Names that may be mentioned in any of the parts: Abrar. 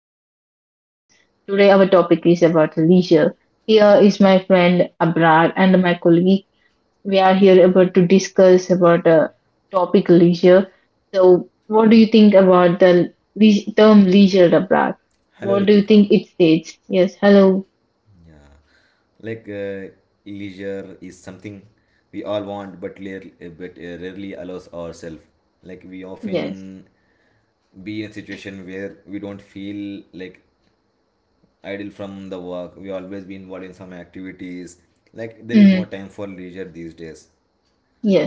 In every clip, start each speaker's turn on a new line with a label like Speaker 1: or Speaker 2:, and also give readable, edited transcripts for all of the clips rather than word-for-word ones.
Speaker 1: new podcast. Today, our topic is about leisure. Here is my friend Abrar and my colleague. We are here about to discuss about a topic leisure. So, what do you think about the term leisure, Abrar?
Speaker 2: Hello,
Speaker 1: What do you
Speaker 2: Ritika.
Speaker 1: think it states? Yes, hello,
Speaker 2: Yeah, like uh, leisure is something we all want, but rarely allows ourselves. Like we
Speaker 1: yes,
Speaker 2: often be in a situation where we don't feel like idle from the work. We always be involved in some activities. Like there is
Speaker 1: hmm,
Speaker 2: no time for leisure these days.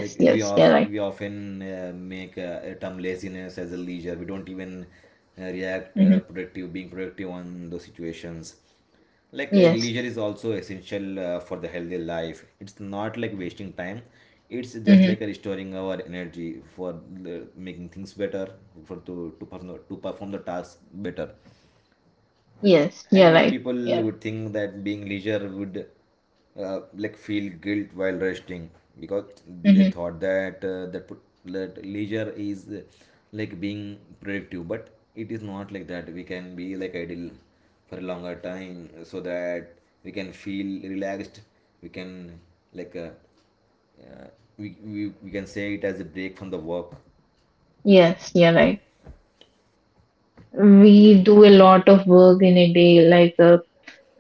Speaker 2: like we
Speaker 1: yes,
Speaker 2: of
Speaker 1: you're right.
Speaker 2: we often make a term laziness as a leisure. We don't even react
Speaker 1: Hmm.
Speaker 2: productive being productive on those situations.
Speaker 1: Yes.
Speaker 2: Leisure is also essential for the healthy life. It's not like wasting time, it's just
Speaker 1: Hmm.
Speaker 2: like restoring our energy for making things better, for to perform to perform the task better.
Speaker 1: Yes,
Speaker 2: And
Speaker 1: you're
Speaker 2: many
Speaker 1: right.
Speaker 2: people
Speaker 1: Yeah.
Speaker 2: would think that being leisure would like feel guilt while resting, because they
Speaker 1: Hmm.
Speaker 2: thought that that leisure is like being productive, but it is not like that. We can be like idle for a longer time so that we can feel relaxed. We can like uh, uh, we can say it as a break from the work.
Speaker 1: Yes, you're right. We do a lot of work in a day, like uh,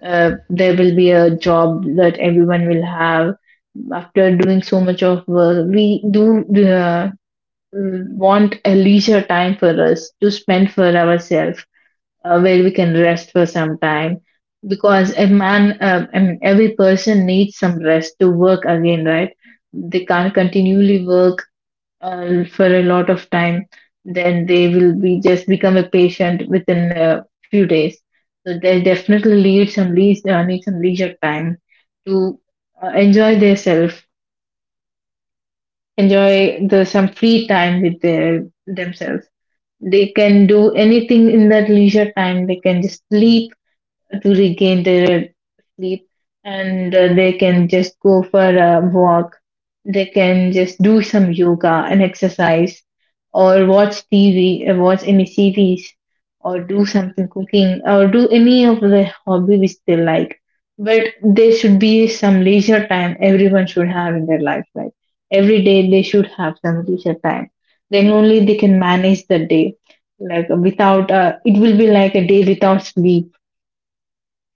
Speaker 1: uh, there will be a job that everyone will have. After doing so much of work, we do want a leisure time for us to spend for ourselves, where we can rest for some time, because a man and every person needs some rest to work again, right? They can't continually work for a lot of time, then they will be just become a patient within a few days. So they definitely need some leisure time to enjoy themselves, enjoy the some free time with their themselves. They can do anything in that leisure time. They can just sleep to regain their sleep, and they can just go for a walk, they can just do some yoga and exercise, or watch tv, watch any series, or do something cooking or do any of the hobby which they like. But there should be some leisure time everyone should have in their life, right? Every day they should have some leisure time, then only they can manage the day. Like, without it will be like a day without sleep.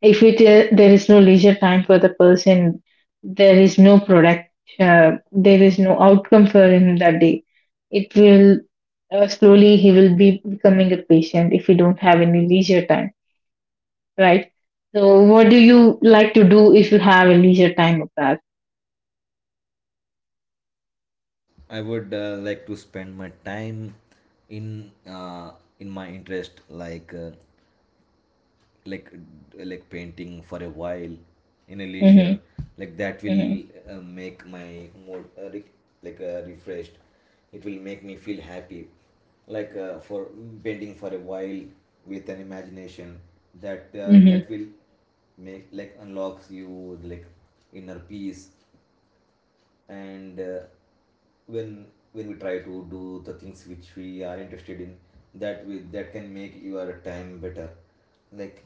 Speaker 1: If there is no leisure time for the person, there is no product, there is no outcome for him that day. It will, slowly he will be becoming a patient if we don't have any leisure time, right? So, what do you like to do if you have a leisure time of that?
Speaker 2: I would like to spend my time in uh, in my interest, like like painting for a while in a leisure.
Speaker 1: Mm-hmm.
Speaker 2: Like that
Speaker 1: Mm-hmm.
Speaker 2: will make my mood refreshed. It will make me feel happy, for painting for a while with an imagination. That
Speaker 1: Mm-hmm.
Speaker 2: that will make like unlocks you, like inner peace. And when when we try to do the things which we are interested in, that can make your time better. Like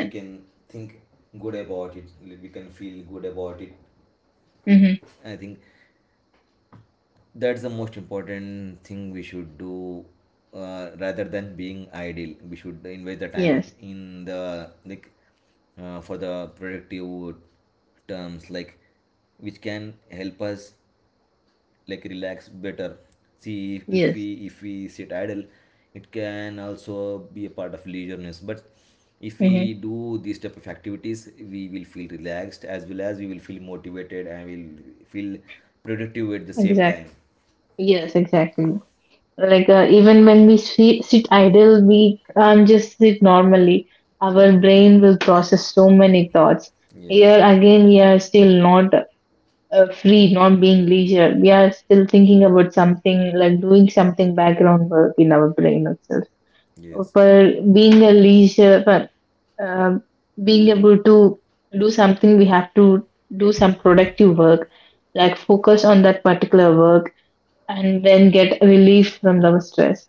Speaker 2: we can think good about it, we can feel good about it.
Speaker 1: Mm-hmm.
Speaker 2: I think that's the most important thing we should do, rather than being idle. We should invest the time
Speaker 1: Yes.
Speaker 2: in the like, for the productive terms, like which can help us like relax better. See,
Speaker 1: Yes.
Speaker 2: if we sit idle, it can also be a part of leisureness. But if
Speaker 1: Mm-hmm.
Speaker 2: we do these type of activities, we will feel relaxed as well as we will feel motivated and will feel productive at the same
Speaker 1: Exactly.
Speaker 2: time.
Speaker 1: Yes. Exactly. Like, even when we see, sit idle, we can't just sit normally. Our brain will process so many thoughts.
Speaker 2: Yes,
Speaker 1: Here again, we are still not free, not being leisure. We are still thinking about something, like doing something background work in our brain itself.
Speaker 2: yes.
Speaker 1: For being a leisure, for um being able to do something, we have to do some productive work, like focus on that particular work and then get relief from the stress.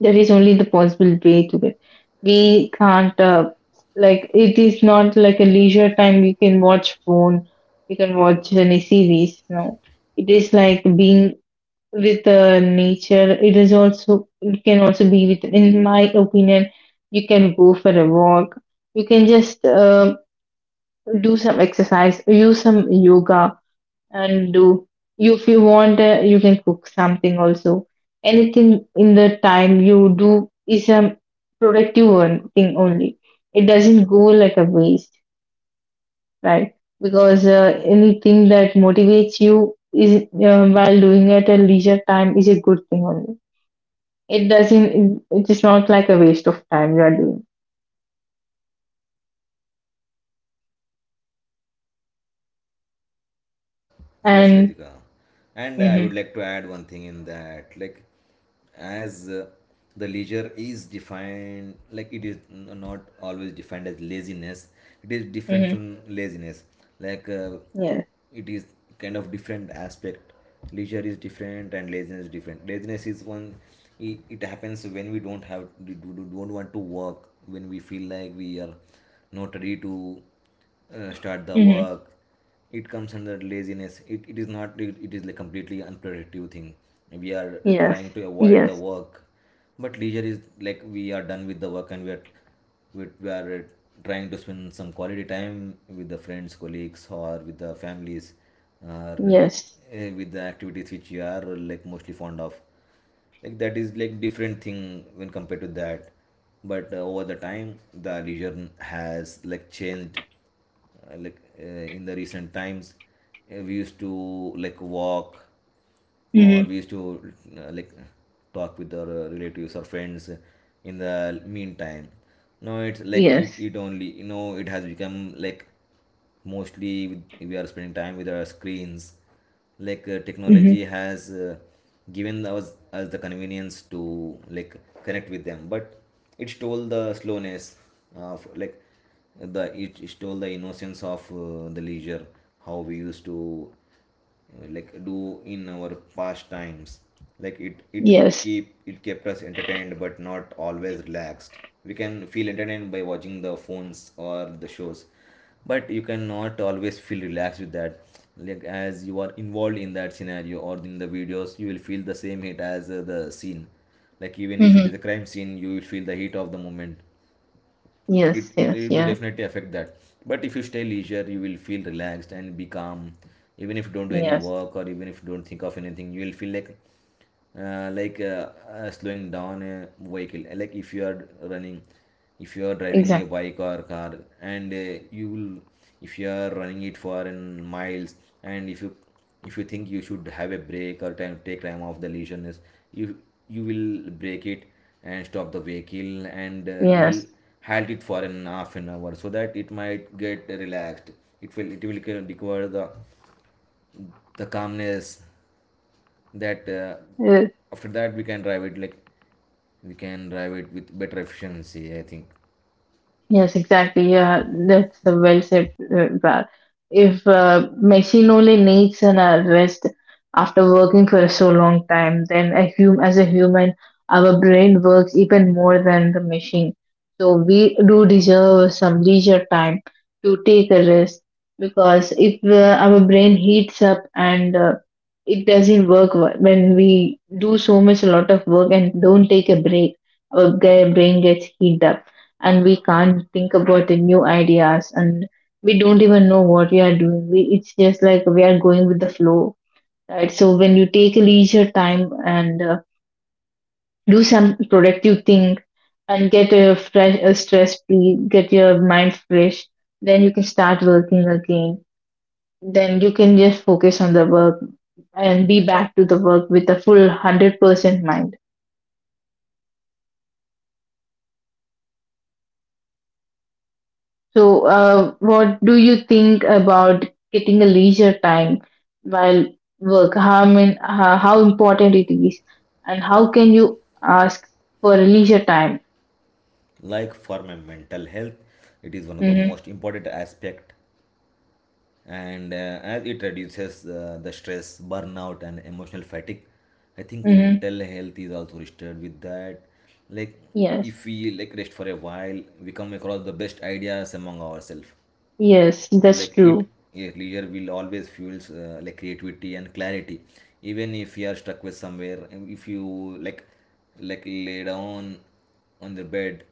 Speaker 1: That is only the possible way to it. We can't, like, It is not like a leisure time we can watch phone, we can watch any series. No, it is like being with nature. It is also, it can also be with, in my opinion, you can go for a walk, you can just do some exercise, use some yoga, and do, if you want, you can cook something also. Anything in the time you do is a productive one thing only. It doesn't go like a waste, right? Because anything that motivates you is, while doing at a leisure time, is a good thing only. It doesn't, it is not like a waste of time you are doing.
Speaker 2: Yes,
Speaker 1: And
Speaker 2: Ritika. And I
Speaker 1: mm-hmm,
Speaker 2: would like to add one thing in that, like, as the leisure is defined, like, it is not always defined as laziness, it is different
Speaker 1: mm-hmm,
Speaker 2: from laziness. Like, uh,
Speaker 1: yes,
Speaker 2: it is kind of different aspect. Leisure is different and laziness is different. Laziness is one, it happens when we don't have, we don't want to work, when we feel like we are not ready to start the
Speaker 1: mm-hmm,
Speaker 2: work. It comes under laziness. It is not it is like completely unproductive thing, we are
Speaker 1: yes,
Speaker 2: trying to avoid the
Speaker 1: yes,
Speaker 2: work. But leisure is like we are done with the work and we are trying to spend some quality time with the friends, colleagues, or with the families, or
Speaker 1: yes,
Speaker 2: with the activities which you are like mostly fond of. Like that is like different thing when compared to that. But over the time the religion has like changed, in the recent times. We used to like walk,
Speaker 1: mm-hmm,
Speaker 2: or we used to like talk with our relatives or friends in the meantime. Now it's like
Speaker 1: yes,
Speaker 2: it only it has become like mostly we are spending time with our screens.
Speaker 1: mm-hmm,
Speaker 2: Technology has given us the convenience to like connect with them, but it stole the slowness of like the it stole the innocence of the leisure, how we used to like do in our past times. It
Speaker 1: yes.
Speaker 2: keep it kept us entertained but not always relaxed. We can feel entertained by watching the phones or the shows, but you cannot always feel relaxed with that. Like as you are involved in that scenario or in the videos, you will feel the same heat as the scene. Like even if it is
Speaker 1: Mm-hmm.
Speaker 2: a crime scene, you will feel the heat of the moment. it,
Speaker 1: Yes,
Speaker 2: it
Speaker 1: yes,
Speaker 2: it will
Speaker 1: yeah,
Speaker 2: definitely affect that. But if you stay leisure, you will feel relaxed and be calm. Even if you don't do any
Speaker 1: yes,
Speaker 2: work or even if you don't think of anything, you will feel like uh, like uh, slowing down a vehicle. Like if you are running, if you are driving a
Speaker 1: exactly,
Speaker 2: bike or car, and you will, if you are running it for an miles, and if you think you should have a break or time, take time off the leisure, you you will break it and stop the vehicle, and you will
Speaker 1: yes.
Speaker 2: halt it for an half an hour so that it might get relaxed. It will require the calmness, that
Speaker 1: Uh,
Speaker 2: after that we can drive it with better efficiency, I think.
Speaker 1: yes, exactly. Yeah, that's a well said, Val. If machine only needs an rest after working for so long time, then a human, our brain works even more than the machine. So we do deserve some leisure time to take a rest, because if our brain heats up and it doesn't work when we do so much a lot of work and don't take a break, our brain gets heated up, and we can't think about the new ideas, and we don't even know what we are doing, we, it's just like we are going with the flow, right? So when you take a leisure time and do some productive thing and get a fresh, a stress free, get your mind fresh, then you can start working again, then you can just focus on the work and be back to the work with a full 100% mind. So, what do you think about getting a leisure time while work? How, I mean, how important it is, and how can you ask for a leisure time?
Speaker 2: Like for my mental health, it is one of the
Speaker 1: Mm-hmm.
Speaker 2: most important aspect. And as it reduces the stress, burnout, and emotional fatigue, I think
Speaker 1: Mm-hmm.
Speaker 2: mental health is also restored with that. Like
Speaker 1: Yes.
Speaker 2: if we like rest for a while, we come across the best ideas among ourselves.
Speaker 1: Yes, that's
Speaker 2: Like it
Speaker 1: true.
Speaker 2: Yeah, leisure will always fuels like creativity and clarity. Even if you are stuck with somewhere, and if you like lay down on the bed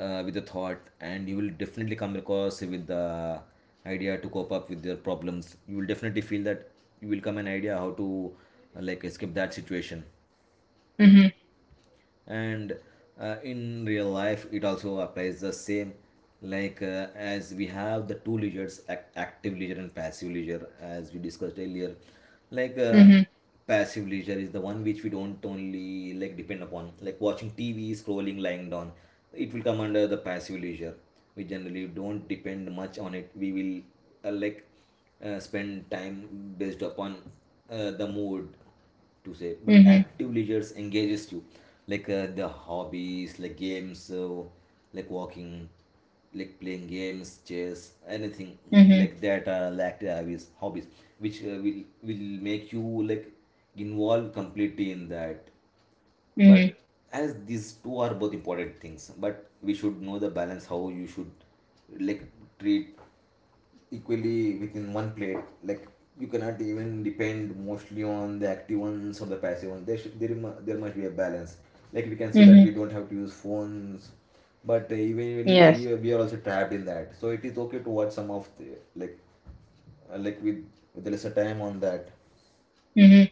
Speaker 2: with a thought, and you will definitely come across with the idea to cope up with your problems. You will definitely feel that, you will come an idea how to like escape that situation.
Speaker 1: Mm-hmm.
Speaker 2: And in real life it also applies the same. As we have the two leisures, active leisure and passive leisure, as we discussed earlier. like uh,
Speaker 1: Mm-hmm.
Speaker 2: Passive leisure is the one which we don't only like depend upon, like watching TV, scrolling, lying down. It will come under the passive leisure. We generally don't depend much on it. We will uh, like uh, spend time based upon the mood, to say. But
Speaker 1: Mm-hmm.
Speaker 2: active leisures engages you, the hobbies, like games, so like walking, like playing games, chess, anything, mm,
Speaker 1: Mm-hmm.
Speaker 2: like that, like the hobbies which will make you like involved completely in that.
Speaker 1: Mm-hmm.
Speaker 2: But as these two are both important things, but we should know the balance, how you should like treat equally within one plate. Like you cannot even depend mostly on the active ones or the passive ones. There should there, mu- there must be a balance. Like we can say that
Speaker 1: Mm-hmm.
Speaker 2: we don't have to use phones, but eventually
Speaker 1: Yes.
Speaker 2: we are also trapped in that. So it is okay to watch some of the like uh, like with with the lesser time on that.
Speaker 1: Mm-hmm.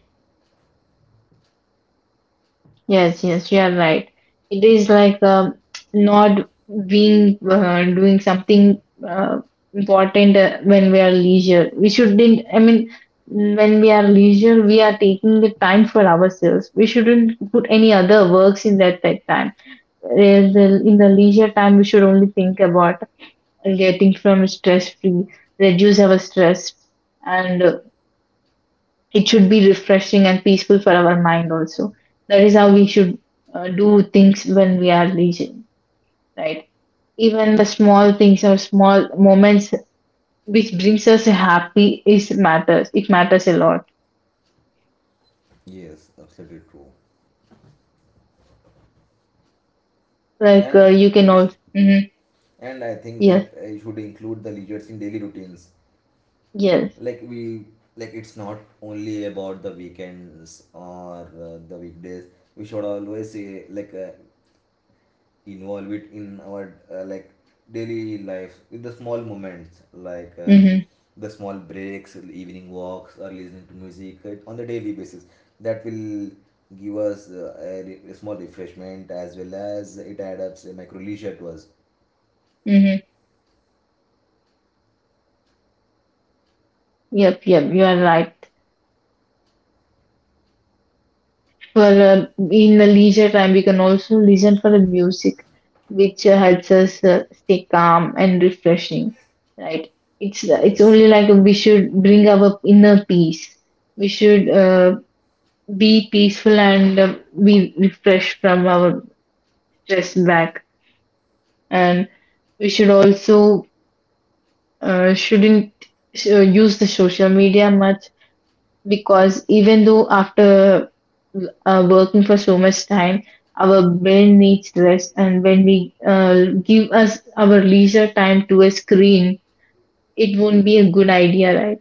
Speaker 1: Yes, yes, you are right. It is like, not being, doing something uh, important when we are leisure. We shouldn't. I mean, when we are leisure, we are taking the time for ourselves. We shouldn't put any other works in that time. In the leisure time, we should only think about getting from stress free, reduce our stress, and it should be refreshing and peaceful for our mind also. That is how we should do things when we are leisure, right? Even the small things or small moments which brings us happy is matters, it matters a lot.
Speaker 2: Yes, absolutely true.
Speaker 1: Like,
Speaker 2: And
Speaker 1: you can
Speaker 2: yes,
Speaker 1: also hmm,
Speaker 2: and I think
Speaker 1: yes,
Speaker 2: that I should include the leisures in daily routines.
Speaker 1: yes,
Speaker 2: like we like it's not only about the weekends or the weekdays. We should always involve it in our like daily life with the small moments, like
Speaker 1: mm-hmm,
Speaker 2: the small breaks, evening walks, or listening to music on the daily basis. That will give us a small refreshment, as well as it adds up a micro leisure to us.
Speaker 1: mm-hmm. Yep, yep, you are right. For in the leisure time, we can also listen for the music, which helps us stay calm and refreshing. Right? It's
Speaker 2: Yes.
Speaker 1: only like we should bring our inner peace. We should be peaceful and be refreshed from our stress back. And we should also shouldn't use the social media much, because even though after working for so much time, our brain needs rest, and when we give us our leisure time to a screen, it won't be a good idea, right?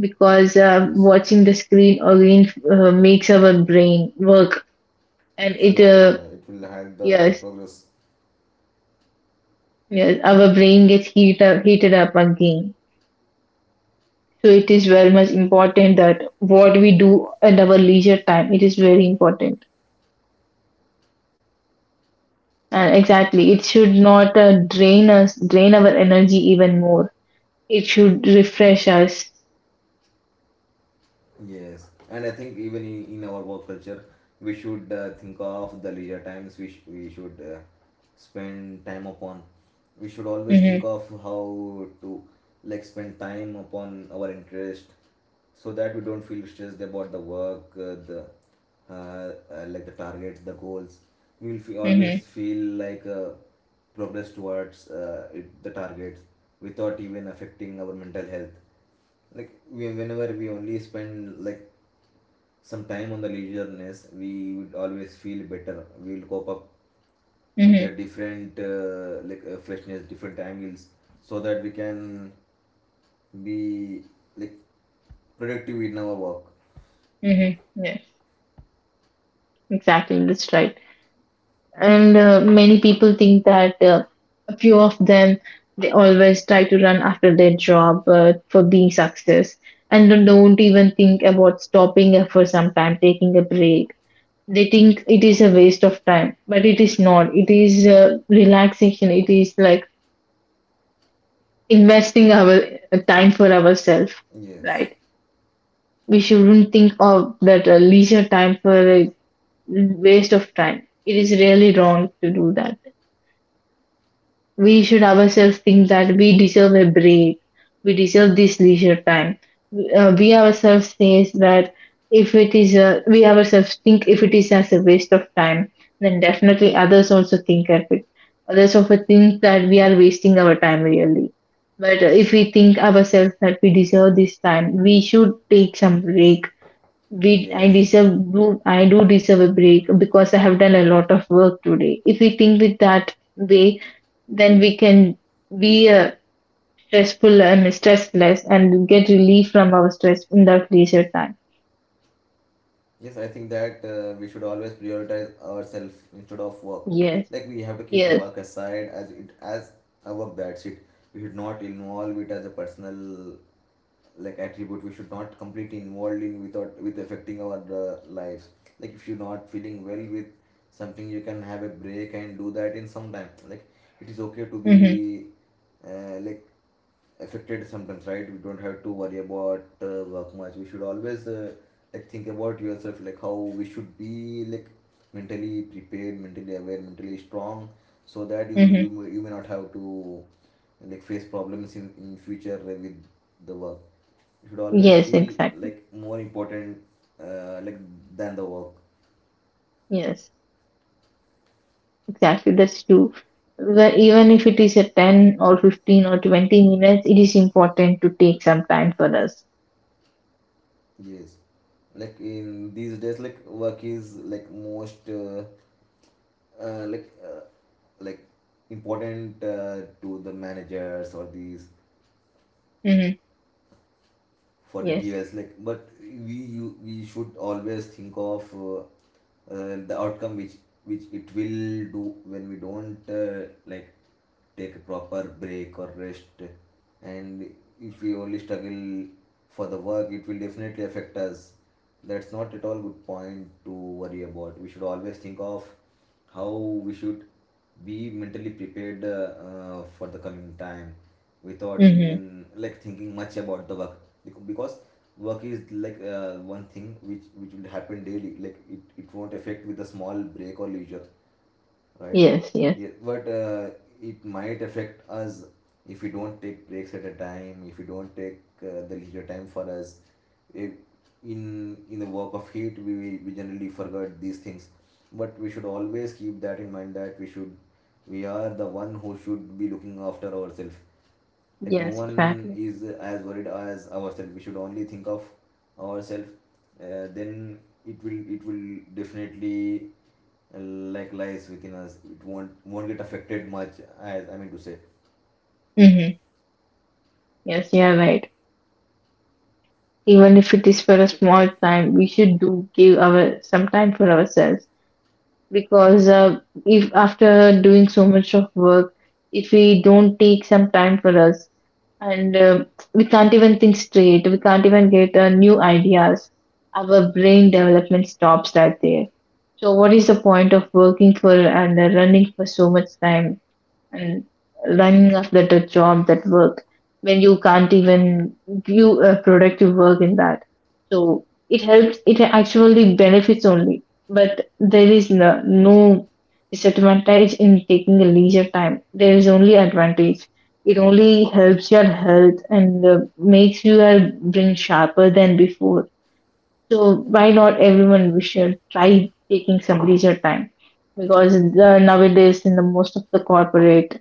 Speaker 1: Because
Speaker 2: Yes,
Speaker 1: watching the screen again makes our brain work, and it
Speaker 2: slower. Yeah, it will help the
Speaker 1: yes,
Speaker 2: progress.
Speaker 1: yes, our brain gets heated up again. So it is very much important that what we do at our leisure time, it is very important. Exactly. It should not drain our energy even more. It should refresh us.
Speaker 2: Yes, and I think even in our work culture, we should think of the leisure times which we should spend time upon. We should always think
Speaker 1: Mm-hmm,
Speaker 2: of how to like spend time upon our interest, so that we don't feel stressed about the work, the like the targets, the goals. We will fe
Speaker 1: mm-hmm,
Speaker 2: always feel like progress towards the targets without even affecting our mental health. Like whenever we only spend like some time on the leisureness, we would always feel better. We will cope up with
Speaker 1: mm-hmm,
Speaker 2: a different freshness, different angles, so that we can be like productive in our work.
Speaker 1: mm-hmm. Yes, exactly. That's right. And many people think that a few of them, they always try to run after their job for being success, and they don't even think about stopping for some time, taking a break. They think it is a waste of time, but it is not. It is, relaxation. It is like investing our time for ourselves,
Speaker 2: Yes,
Speaker 1: right? We shouldn't think of that leisure time for a waste of time. It is really wrong to do that. We should ourselves think that we deserve a break, we deserve this leisure time. We ourselves says that, if it is a, we ourselves think if it is as a waste of time, then definitely others also think of it, others also think that we are wasting our time really. But if we think ourselves that we deserve this time, we should take some break. We, I
Speaker 2: yes,
Speaker 1: deserve, do I do deserve a break, because I have done a lot of work today. If we think with that way, then we can be stressful and stressless and get relief from our stress in that leisure time.
Speaker 2: yes. I think that we should always prioritize ourselves instead of work.
Speaker 1: Yes,
Speaker 2: Like we have to keep the
Speaker 1: yes,
Speaker 2: work aside as it as a work. That's it. We should not involve it as a personal like attribute, we should not completely involved in without with affecting our lives. Like if you're not feeling well with something, you can have a break and do that in some time. Like it is okay to
Speaker 1: mm-hmm,
Speaker 2: be like affected sometimes, right? We don't have to worry about work much. We should always like think about yourself, like how we should be like mentally prepared, mentally aware, mentally strong, so that
Speaker 1: mm-hmm,
Speaker 2: you may not have to like face problems in future with the work. You should always
Speaker 1: yes,
Speaker 2: feel
Speaker 1: exactly.
Speaker 2: like more important like than the work.
Speaker 1: Yes, exactly. That's true. But even if it is a 10 or 15 or 20 minutes, it is important to take some time for us.
Speaker 2: Yes, like in these days, like work is like most uh, like uh, like important to the managers or these
Speaker 1: Mm-hmm.
Speaker 2: for
Speaker 1: Yes.
Speaker 2: details. Like but we should always think of the outcome which it will do when we don't like take a proper break or rest. And if we only struggle for the work, it will definitely affect us. That's not at all good point to worry about. We should always think of how we should be mentally prepared for the coming time without
Speaker 1: Mm-hmm.
Speaker 2: even like thinking much about the work. Because work is like one thing which will happen daily. Like it won't affect with a small break or leisure, right?
Speaker 1: Yes. Yes.
Speaker 2: Yeah, but it might affect us if we don't take breaks at a time, if we don't take the leisure time for us. If in the work of heat, we generally forget these things. But we should always keep that in mind that we are the one who should be looking after ourselves. Like no
Speaker 1: Yes.
Speaker 2: one
Speaker 1: Exactly.
Speaker 2: is as worried as ourselves. We should only think of ourselves. Then it will definitely like lies within, it won't get affected much, as I mean to say.
Speaker 1: Mm-hmm. Yes, you are right. Even if it is for a small time, we should do give our some time for ourselves, because if after doing so much of work, if we don't take some time for us and we can't even think straight, we can't even get new ideas, our brain development stops right there. So, what is the point of working for and running for so much time, and running after the job that work, when you can't even do a productive work in that? So it helps, it actually benefits only, but there is no disadvantage in taking a leisure time. There is only advantage. It
Speaker 2: Yes.
Speaker 1: only helps your health and makes your brain sharper than before. So why not, everyone we should try taking some leisure time, because the, nowadays in the most of the corporate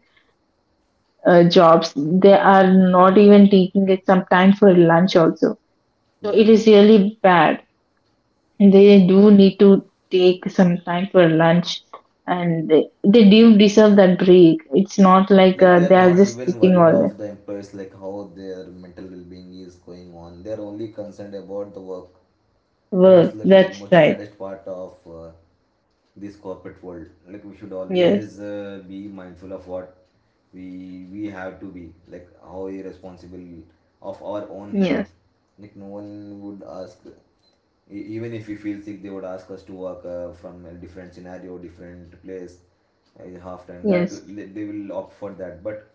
Speaker 1: jobs, they are not even taking it some time for lunch also. So it is
Speaker 2: Yes,
Speaker 1: really bad. They do need to take some time for lunch, and they do deserve that break. It's not like
Speaker 2: like they
Speaker 1: they
Speaker 2: are
Speaker 1: are
Speaker 2: not
Speaker 1: just
Speaker 2: even
Speaker 1: sitting
Speaker 2: worried
Speaker 1: all day.
Speaker 2: of the employees, like how their mental well-being is going on. They're only concerned about the work. That's
Speaker 1: Work,
Speaker 2: like a
Speaker 1: that's
Speaker 2: most
Speaker 1: right.
Speaker 2: saddest part of this corporate world. Like we should
Speaker 1: Yes,
Speaker 2: always be mindful of what we have to be, like how irresponsible of our own
Speaker 1: yes,
Speaker 2: health. Like no one would ask. Even if we feel sick, they would ask us to work from a different scenario, different place, in half time. That
Speaker 1: yes,
Speaker 2: will— they will opt for that, but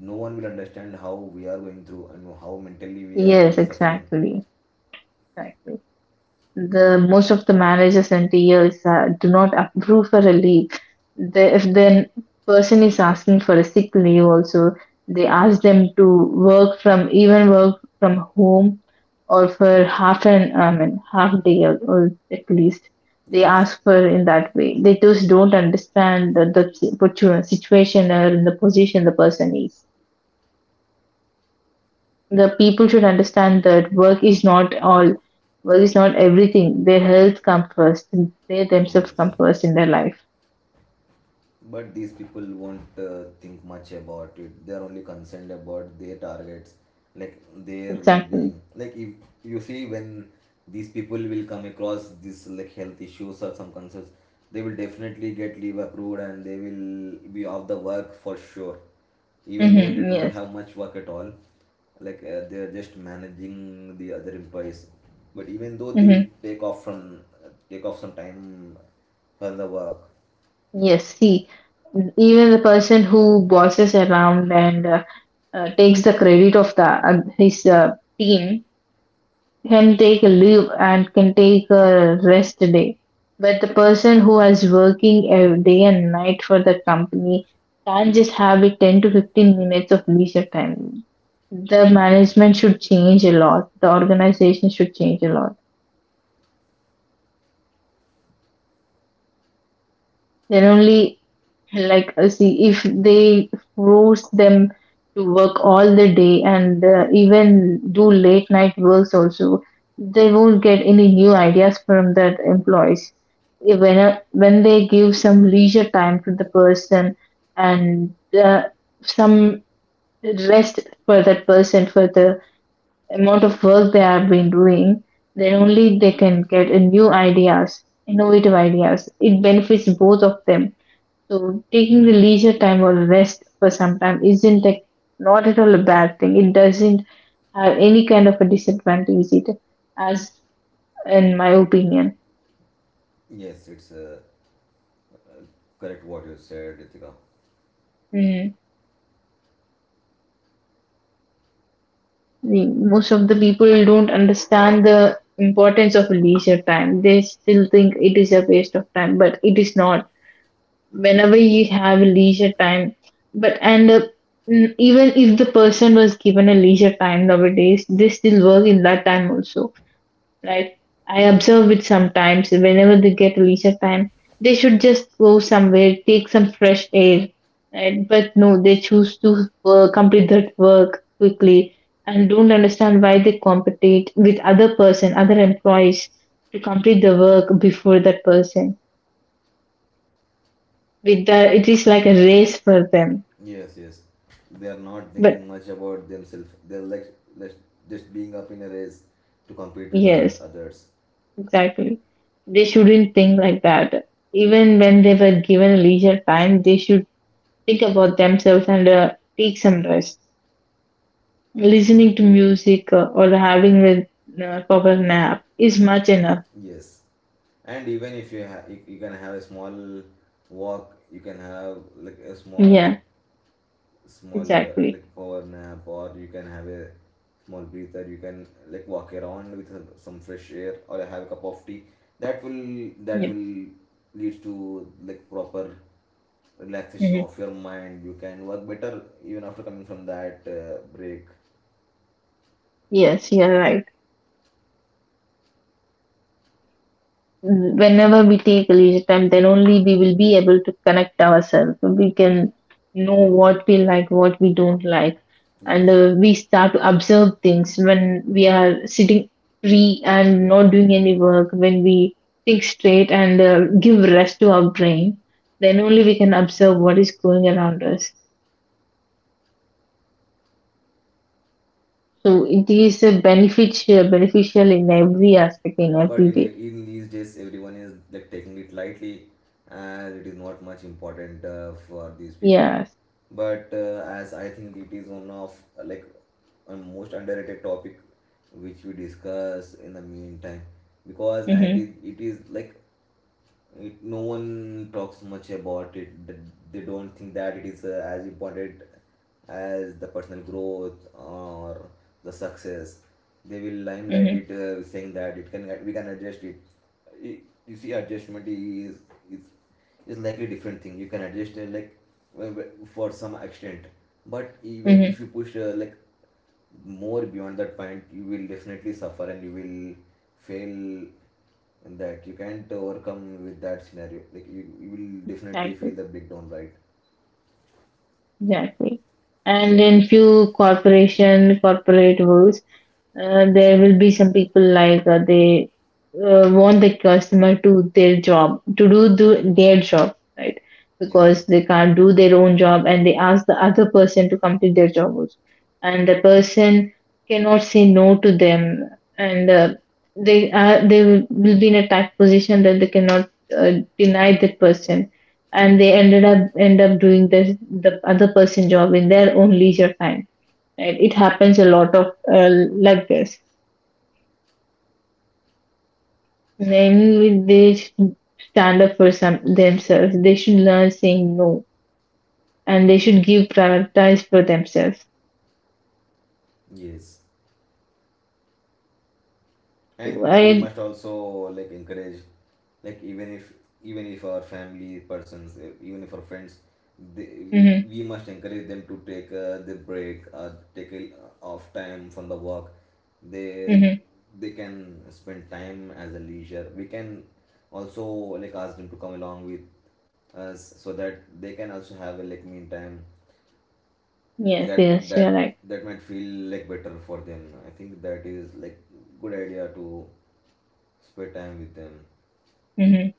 Speaker 2: no one will understand how we are going through and how mentally we are
Speaker 1: yes,
Speaker 2: like suffering.
Speaker 1: exactly. Exactly. The most of the managers and TLs do not approve for a leave. They, if the person is asking for a sick leave, also they ask them to work from even work from home or for half an half day or at least they
Speaker 2: Yes,
Speaker 1: ask for in that way. They just don't understand the situation or in the position the person is. The people should understand that work is not all, work is not everything. Their health comes first, they themselves
Speaker 2: yes.
Speaker 1: come first in their life.
Speaker 2: But these people won't think much about it. They are only concerned about their targets, like their
Speaker 1: Exactly.
Speaker 2: well-being. Like if you see when these people will come across this like health issues or some concerns, they will definitely get leave approved and they will be off the work for sure. Even though they
Speaker 1: Mm-hmm.
Speaker 2: don't
Speaker 1: Yes.
Speaker 2: have much work at all, like they are just managing the other employees. But even though they
Speaker 1: Mm-hmm.
Speaker 2: will take off from take off some time for the work.
Speaker 1: Yes, see, even the person who bosses around and takes the credit of the his team can take a leave and can take a rest day. But the person who is working a day and night for the company can't just have it 10 to 15 minutes of leisure time. The management should change a lot. The organization should change a lot. Then only, see, if they force them to work all the day and even do late night works also, they won't get any new ideas from that employees. If when when they give some leisure time to the person and some rest for that person for the amount of work they have been doing, then only they can get a new ideas, innovative ideas. It benefits both of them. So taking the leisure time or rest for some time isn't like not at all a bad thing. It doesn't have any kind of a disadvantage, it, as, in my opinion.
Speaker 2: Yes, it's correct what you said, Ritika.
Speaker 1: Mm. Most of the people don't understand the importance of leisure time. They still think it is a waste of time, but it is not. Whenever you have a leisure time, but and uh, even if the person was given a leisure time nowadays, they still work in that time also, right? I
Speaker 2: Yes.
Speaker 1: observe it sometimes whenever they get leisure time, they should just go somewhere, take some fresh air, right? But no, they choose to work, complete that work quickly, and don't understand why they compete with other person, other employees to complete the work before that person. With that, it is like a race for them.
Speaker 2: Yes, yes. They are not thinking
Speaker 1: But
Speaker 2: much about themselves. They're like just being up in a race to compete with other
Speaker 1: yes,
Speaker 2: others.
Speaker 1: exactly. They shouldn't think like that. Even when they were given leisure time, they should think about themselves and take some rest. Listening to music or having a proper nap is much enough.
Speaker 2: Yes, and even if you have, you can have a small walk. You can have like a small,
Speaker 1: Yeah,
Speaker 2: small
Speaker 1: exactly.
Speaker 2: like power nap, or you can have a small breather. You can like walk around with some— some fresh air, or have a cup of tea. That
Speaker 1: Yeah.
Speaker 2: will lead to like proper relaxation
Speaker 1: Mhm.
Speaker 2: of your mind. You can work better even after coming from that break.
Speaker 1: Yes, you're right. Whenever we take a leisure time, then only we will be able to connect ourselves. So we can know what we like, what we don't like, and
Speaker 2: Yes.
Speaker 1: we start to observe things when we are sitting free and not doing any work. When we think straight and give rest to our brain, then only we can observe what is going around us. So it is a beneficial, beneficial in every aspect, in
Speaker 2: But
Speaker 1: every
Speaker 2: in
Speaker 1: way.
Speaker 2: in these days everyone is like taking it lightly, as it is not much important for these people.
Speaker 1: Yes.
Speaker 2: But as I think, it is one of like a most underrated topic which we discuss in the meantime. Because at
Speaker 1: Mm-hmm.
Speaker 2: it is like no one talks much about it. They don't think that it is as important as the personal growth or the success. They will limelight
Speaker 1: Mm-hmm.
Speaker 2: it saying that it can we can adjust it. I- you see, adjustment is is is likely different thing. You can adjust like for some extent. But even if you push like more beyond that point, you will definitely suffer and you will fail, and that you can't overcome with that scenario. Like you will definitely
Speaker 1: Mm-hmm.
Speaker 2: feel the big down, right?
Speaker 1: Exactly. And in few corporation, corporate worlds, there will be some people like they want the customer to their job to do their job right,
Speaker 2: Yes.
Speaker 1: because they can't do their own job and they ask the other person to complete their job also. And the person cannot say no to them, and they are, they will be in a tight position that they cannot uh, deny that person, and they end up doing this, the other person job in their own leisure time. Right, it happens a lot of like this. Then they should stand up for some themselves. They should learn saying no, and they should give prioritize for themselves.
Speaker 2: Yes, and people
Speaker 1: I.
Speaker 2: must also like encourage, like even if our family persons, eh, even if our friends, they,
Speaker 1: Mm-hmm.
Speaker 2: we must encourage them to take the break or take a off time from the work. They
Speaker 1: Mm-hmm.
Speaker 2: they can spend time as a leisure. We can also like ask them to come along with us so that they can also have a like mean time.
Speaker 1: Yes,
Speaker 2: that
Speaker 1: yes, you're
Speaker 2: that
Speaker 1: right.
Speaker 2: that might feel like better for them. I think that is like good idea to spend time with them.
Speaker 1: Mm-hmm,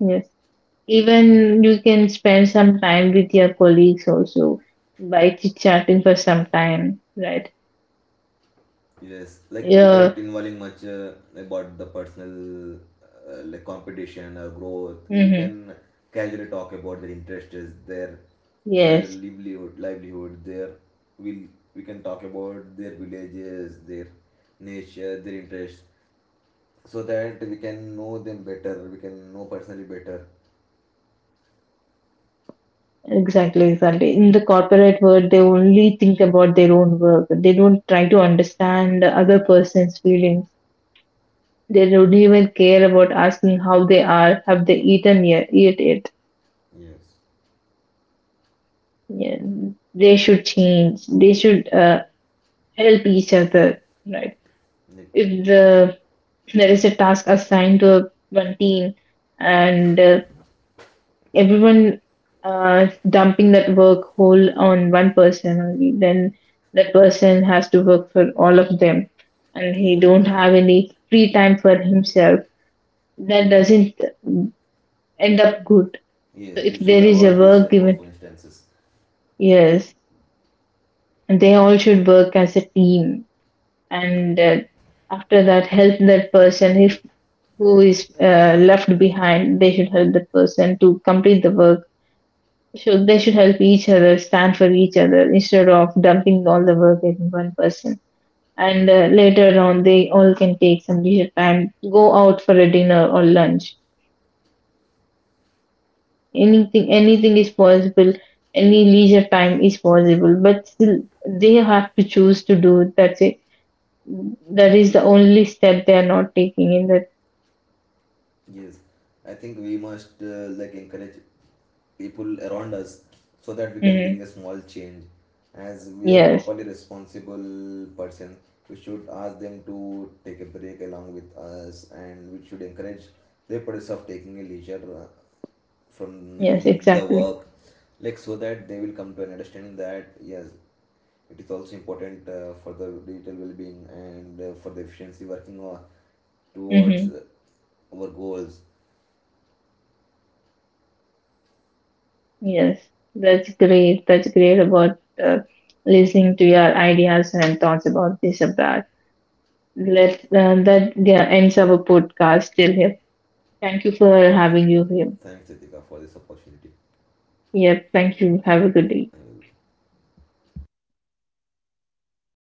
Speaker 1: yes, even you can spend some time with your colleagues also by chit chatting for some time, right?
Speaker 2: Yes, like
Speaker 1: Yeah.
Speaker 2: without involving much about the personal like competition or growth. We
Speaker 1: Mm-hmm.
Speaker 2: can casually talk about their interests, their
Speaker 1: Yes.
Speaker 2: livelihood, their will. We can talk about their villages, their nature, their interests, so that we can know them better, we can know personally better.
Speaker 1: Exactly, exactly. In the corporate world, they only think about their own work. They don't try to understand the other person's feelings. They don't even care about asking how they are, have they eaten yet, eat it.
Speaker 2: Yes.
Speaker 1: Yeah. They should change. They should help each other, right?
Speaker 2: Like,
Speaker 1: If the There is a task assigned to one team, and everyone dumping that work whole on one person only, then that person has to work for all of them and
Speaker 2: yes.
Speaker 1: he don't have any free time for himself. That doesn't end up good.
Speaker 2: Yes,
Speaker 1: So
Speaker 2: we
Speaker 1: if
Speaker 2: should
Speaker 1: there is a
Speaker 2: avoid these
Speaker 1: work
Speaker 2: type of
Speaker 1: given,
Speaker 2: instances.
Speaker 1: yes, and they all should work as a team, and after that help that person, if who is left behind, they should help that person to complete the work. Should they should help each other, stand for each other instead of dumping all the work at one person. And later on, they all can take some leisure time, go out for a dinner or lunch. Anything, anything is possible. Any leisure time is possible, but still they have to choose to do. That's it. That is the only step they are not taking in that.
Speaker 2: Yes, I think we must like encourage people around us so that we can bring
Speaker 1: Mhm.
Speaker 2: a small change. As we are
Speaker 1: Yes.
Speaker 2: properly responsible person, we should ask them to take a break along with us, and we should encourage their process of taking a leisure
Speaker 1: Yes.
Speaker 2: from the
Speaker 1: Exactly.
Speaker 2: work, like so that they will come to an understanding that yes, it is also important for the digital well-being and for the efficiency working on towards
Speaker 1: Mhm.
Speaker 2: our goals.
Speaker 1: Yes, that's great. That's great about listening to your ideas and thoughts about this abroad. Let that yeah, ends our podcast till here. Thank you for having you here.
Speaker 2: Thanks, Ritika, for this opportunity.
Speaker 1: Yep, thank you. Have a good day.
Speaker 2: I will